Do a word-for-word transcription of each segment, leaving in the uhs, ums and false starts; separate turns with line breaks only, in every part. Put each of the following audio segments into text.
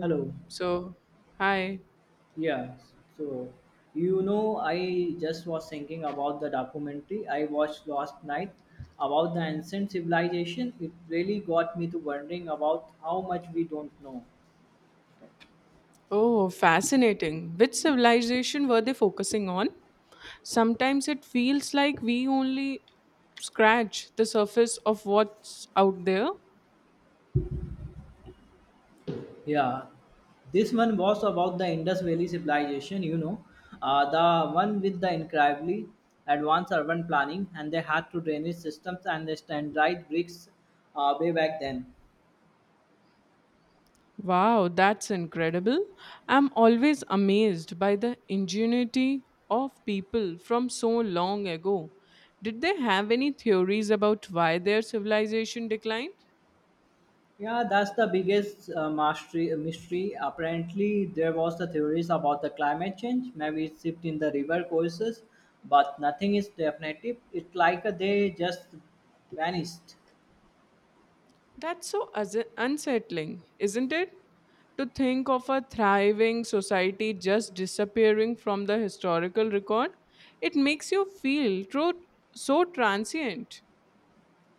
Hello.
So, hi.
Yeah. So, you know, I just was thinking about the documentary I watched last night about the ancient civilization. It really got me to wondering about how much we don't know.
Oh, fascinating. Which civilization were they focusing on? Sometimes it feels like we only scratch the surface of what's out there.
Yeah. This one was about the Indus Valley civilization, you know, uh, the one with the incredibly advanced urban planning, and they had to drainage systems and the standardized bricks uh, way back then.
Wow, that's incredible. I'm always amazed by the ingenuity of people from so long ago. Did they have any theories about why their civilization declined?
Yeah, that's the biggest uh, mastery, uh, mystery. Apparently, there was the theories about the climate change, maybe it's shift in the river courses, but nothing is definitive. It's like uh, they just vanished.
That's so as- unsettling, isn't it? To think of a thriving society just disappearing from the historical record, it makes you feel tro- so transient.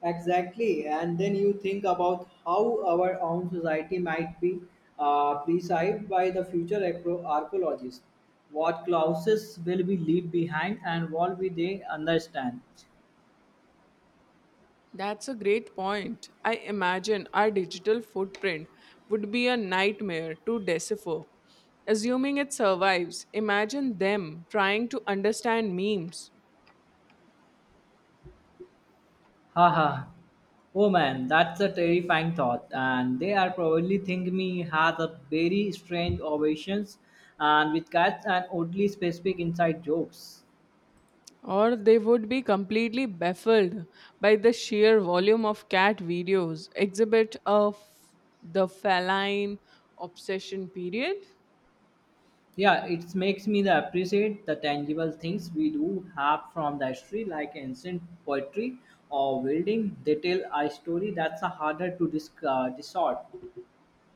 Exactly, and then you think about how our own society might be uh, preserved by the future archeo- archaeologists. What clauses will we leave behind and what will they understand?
That's a great point. I imagine our digital footprint would be a nightmare to decipher. Assuming it survives, imagine them trying to understand memes,
Haha. Oh man, that's a terrifying thought. And they are probably think me has a very strange ovations and with cats and oddly specific inside jokes.
or they would be completely baffled by the sheer volume of cat videos, exhibit of the feline obsession period.
Yeah, it makes me the appreciate the tangible things we do have from the history like ancient poetry or building. They tell a story that's a harder to dis- uh, distort.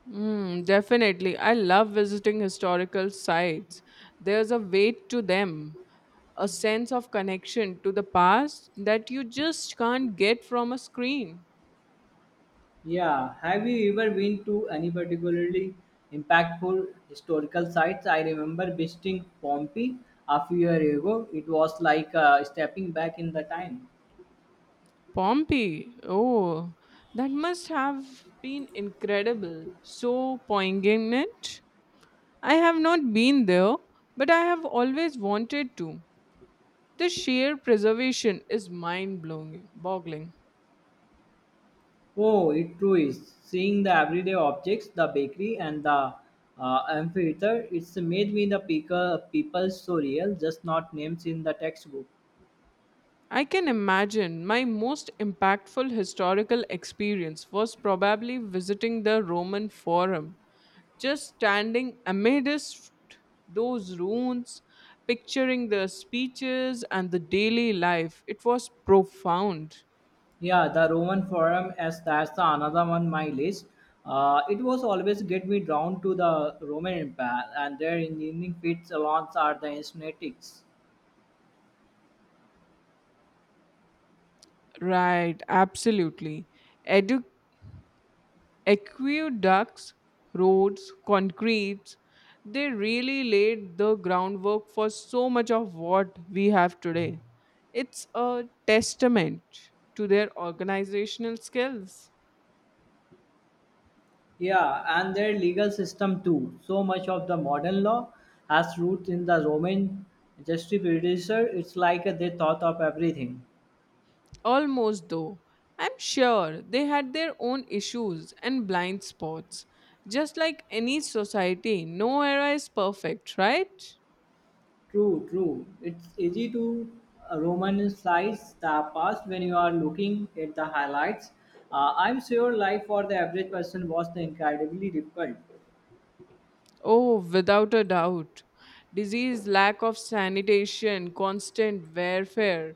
Hmm, definitely. I love visiting historical sites. There's a weight to them, a sense of connection to the past that you just can't get from a screen.
Yeah, have you ever been to any particularly impactful historical sites? I remember visiting Pompeii a few years ago. It was like uh, stepping back in the time.
Pompeii. Oh, that must have been incredible, so poignant. I have not been there, but I have always wanted to. The sheer preservation is mind blowing boggling.
Oh, it true is. Seeing the everyday objects, the bakery and the uh, amphitheater, it's made me the people, people so real, just not names in the textbook.
I can imagine. My most impactful historical experience was probably visiting the Roman Forum, just standing amidst those ruins, picturing the speeches and the daily life. It was profound.
Yeah, the Roman Forum, as that's the another one my list. Uh, it was always get me drawn to the Roman Empire and their engineering feats alongside the aesthetics.
Right, absolutely. Edu- Aqueducts, roads, concretes, they really laid the groundwork for so much of what we have today. It's a testament to their organizational skills.
Yeah, and their legal system too. So much of the modern law has roots in the Roman jurisprudence. It's like they thought of everything.
Almost though, I'm sure they had their own issues and blind spots. Just like any society, no era is perfect, right?
True, true. It's easy to uh, romanticize the past when you are looking at the highlights. Uh, I'm sure life for the average person was incredibly difficult.
Oh, without a doubt. Disease, lack of sanitation, constant warfare.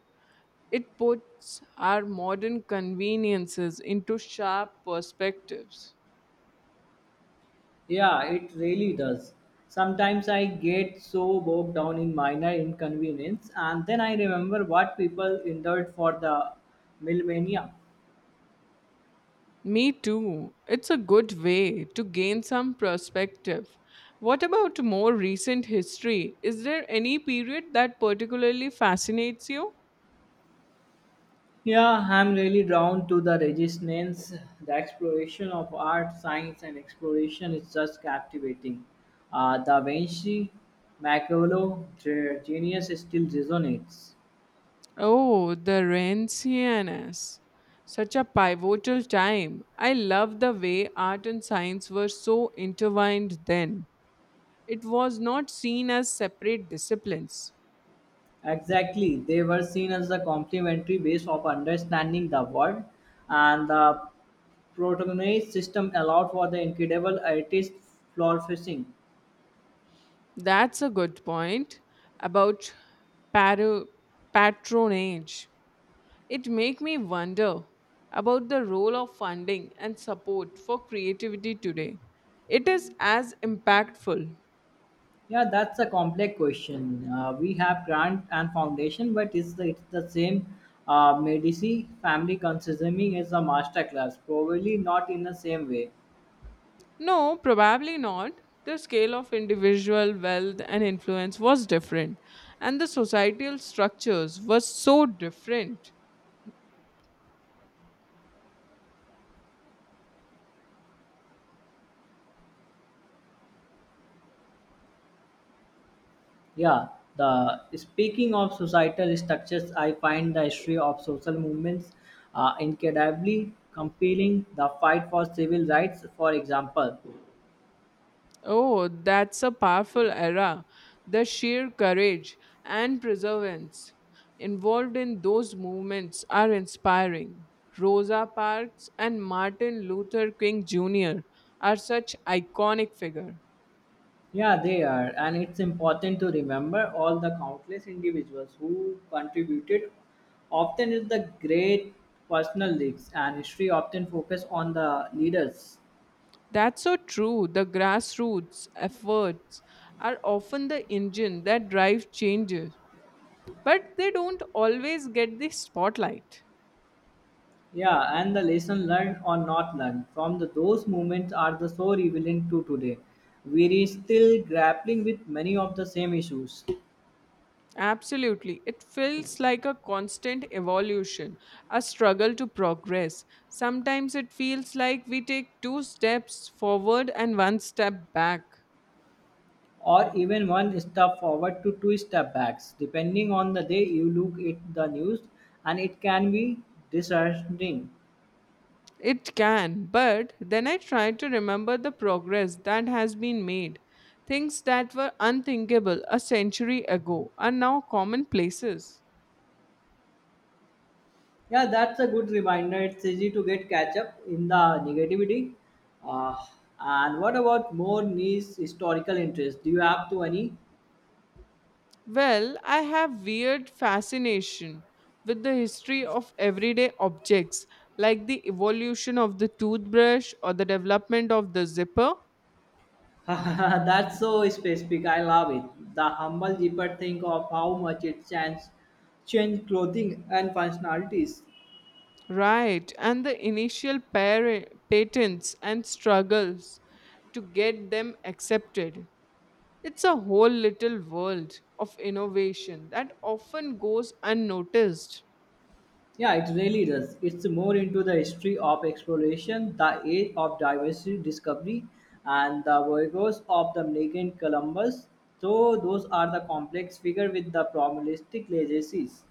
It puts our modern conveniences into sharp perspectives.
Yeah, it really does. Sometimes I get so bogged down in minor inconvenience, and then I remember what people endured for the millennia.
Me too. It's a good way to gain some perspective. What about more recent history? Is there any period that particularly fascinates you?
Yeah, I'm really drawn to the resistance. The exploration of art, science, and exploration is just captivating. Uh, Da Vinci, Machiavelli, their genius still resonates.
Oh, the Renaissance. Such a pivotal time. I love the way art and science were so intertwined then. It was not seen as separate disciplines.
Exactly, they were seen as the complementary ways of understanding the world, and the protagonist system allowed for the incredible artist flourishing.
That's a good point about paro- patronage. It make me wonder about the role of funding and support for creativity today. It is as impactful.
Yeah, that's a complex question. Uh, we have grant and foundation, but it's the, it's the same uh, Medici family consuming as a master class, probably not in the same way.
No, probably not. The scale of individual wealth and influence was different, and the societal structures were so different.
Yeah, the speaking of societal structures, I find the history of social movements uh, incredibly compelling. The fight for civil rights, for example,
Oh, that's a powerful era. The sheer courage and perseverance involved in those movements are inspiring. Rosa Parks and Martin Luther King Junior are such iconic figures.
yeah, they are. And it's important to remember all the countless individuals who contributed. Often is the great personal leaks and history often focus on the leaders.
That's so true. The grassroots efforts are often the engine that drives changes, but they don't always get the spotlight.
Yeah, and the lesson learned or not learned from the, those moments are the so relevant to today. We are still grappling with many of the same issues,
Absolutely. It feels like a constant evolution, a struggle to progress. Sometimes it feels like we take two steps forward and one step back.
or even one step forward to two step backs, depending on the day you look at the news, and it can be disheartening.
It can, but then I try to remember the progress that has been made. Things that were unthinkable a century ago are now commonplaces.
Yeah, that's a good reminder. It's easy to get catch up in the negativity. Uh, and what about more niche historical interest? Do you have to any?
Well, I have weird fascination with the history of everyday objects, like the evolution of the toothbrush or the development of the zipper,
That's so specific. I love it. The humble zipper think of how much it changed, changed clothing and functionalities.
right, and the initial par- patents and struggles to get them accepted. It's a whole little world of innovation that often goes unnoticed.
Yeah, it really does. It's more into the history of exploration, the age of diversity discovery, and the voyages of the Magellan Columbus. So those are the complex figure with the probabilistic legacies.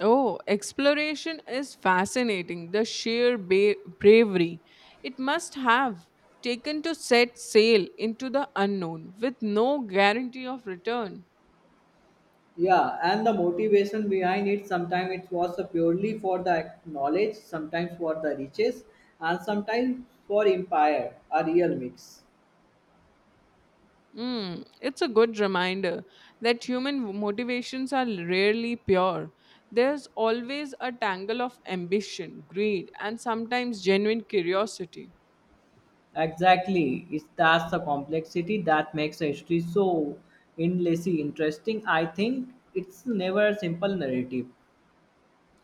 Oh, exploration is fascinating. The sheer ba- bravery it must have taken to set sail into the unknown with no guarantee of return.
Yeah, and the motivation behind it sometimes it was purely for the knowledge, sometimes for the riches, and sometimes for empire, a real mix.
Hmm, it's a good reminder that human motivations are rarely pure. There's always a tangle of ambition, greed, and sometimes genuine curiosity.
Exactly. It's that's the complexity that makes history so endlessly interesting. I think it's never a simple narrative.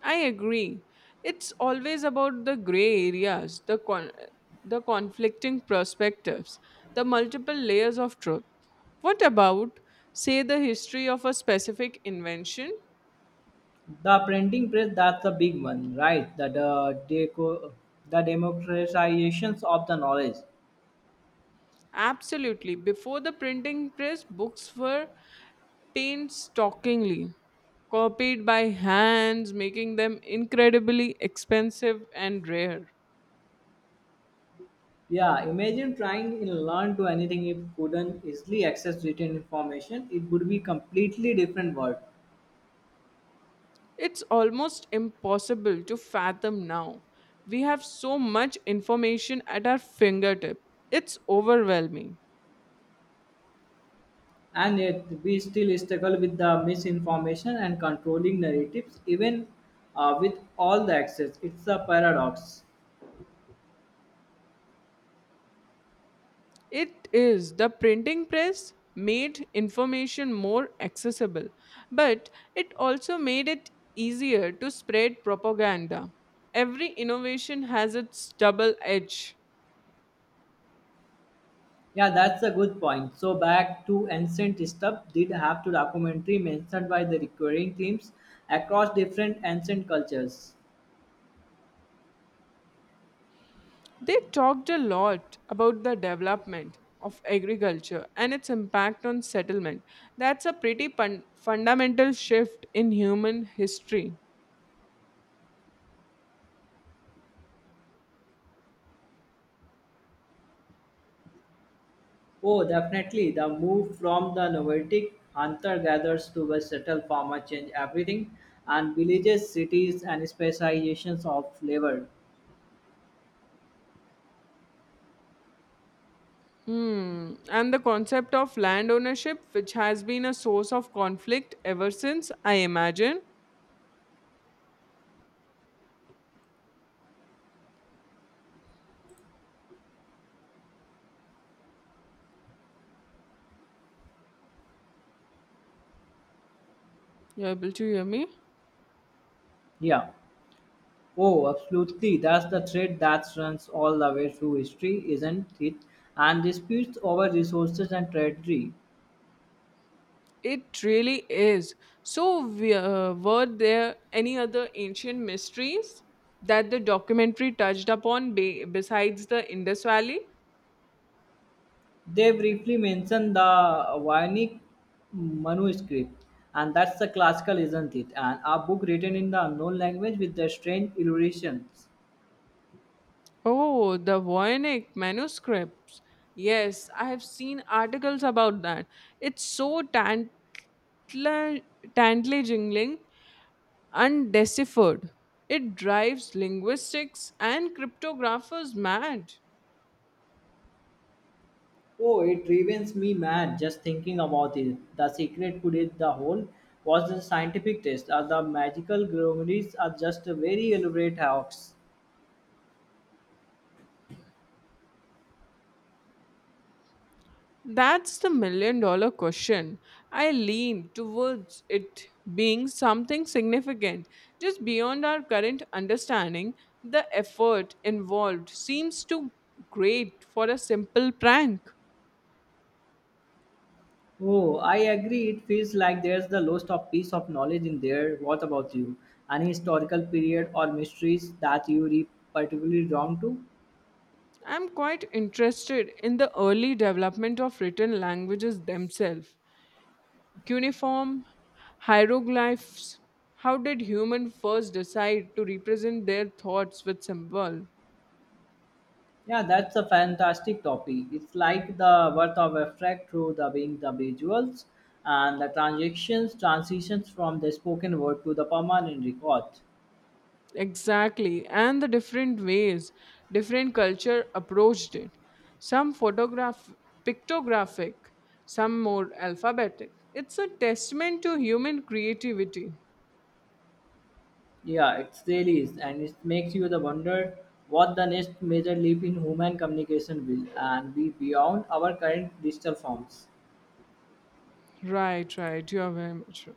I agree. It's always about the gray areas, the con- the conflicting perspectives, the multiple layers of truth. What about, say, the history of a specific invention?
The printing press, that's the big one, right? The, the, deco, the democratizations of the knowledge.
Absolutely. Before the printing press, books were painstakingly copied by hands, making them incredibly expensive and rare.
Yeah, imagine trying to learn to anything if couldn't easily access written information. It would be completely different world.
It's almost impossible to fathom now. We have so much information at our fingertip. It's overwhelming.
And yet, we still struggle with the misinformation and controlling narratives, even uh, with all the access. It's a paradox.
It is. The printing press made information more accessible, but it also made it easier to spread propaganda. Every innovation has its double edge.
Yeah, that's a good point. So, back to ancient stuff, did have to documentary mentioned by the recurring themes across different ancient cultures.
They talked a lot about the development of agriculture and its impact on settlement. That's a pretty pun- fundamental shift in human history.
Oh, definitely. The move from the nomadic hunter gatherers to a settled farmer changed everything, and villages, cities, and specializations of labor.
Hmm. And the concept of land ownership, which has been a source of conflict ever since, I imagine. You're able to hear me?
Yeah. Oh, absolutely. That's the thread that runs all the way through history, isn't it? And disputes over resources and territory.
It really is. So, we- uh, were there any other ancient mysteries that the documentary touched upon, be- besides the Indus Valley?
They briefly mention the Vionic manuscript, and that's the classical, isn't it? And a book written in the unknown language with the strange illustrations.
Oh, the Voynich manuscripts. Yes, I have seen articles about that. It's so tantla- tantalizingly undeciphered. It drives linguistics and cryptographers mad.
Oh, it drives me mad just thinking about it. The secret could it the whole was the scientific test, or the magical grimoires are just a very elaborate hoax.
That's the million dollar question. I lean towards it being something significant, just beyond our current understanding. The effort involved seems too great for a simple prank.
Oh, I agree. It feels like there's the lost of piece of knowledge in there. What about you? Any historical period or mysteries that you re particularly drawn to?
I'm quite interested in the early development of written languages themselves. Cuneiform, hieroglyphs. How did human first decide to represent their thoughts with symbol?
Yeah, that's a fantastic topic. It's like the worth of abstract through the being the visuals and the transactions, transitions from the spoken word to the permanent record.
Exactly, and the different ways different culture approached it. Some photograph pictographic, some more alphabetic. It's a testament to human creativity.
Yeah, it's really is, and it makes you the wonder what the next major leap in human communication will and be beyond our current digital forms.
Right, right. You are very much right.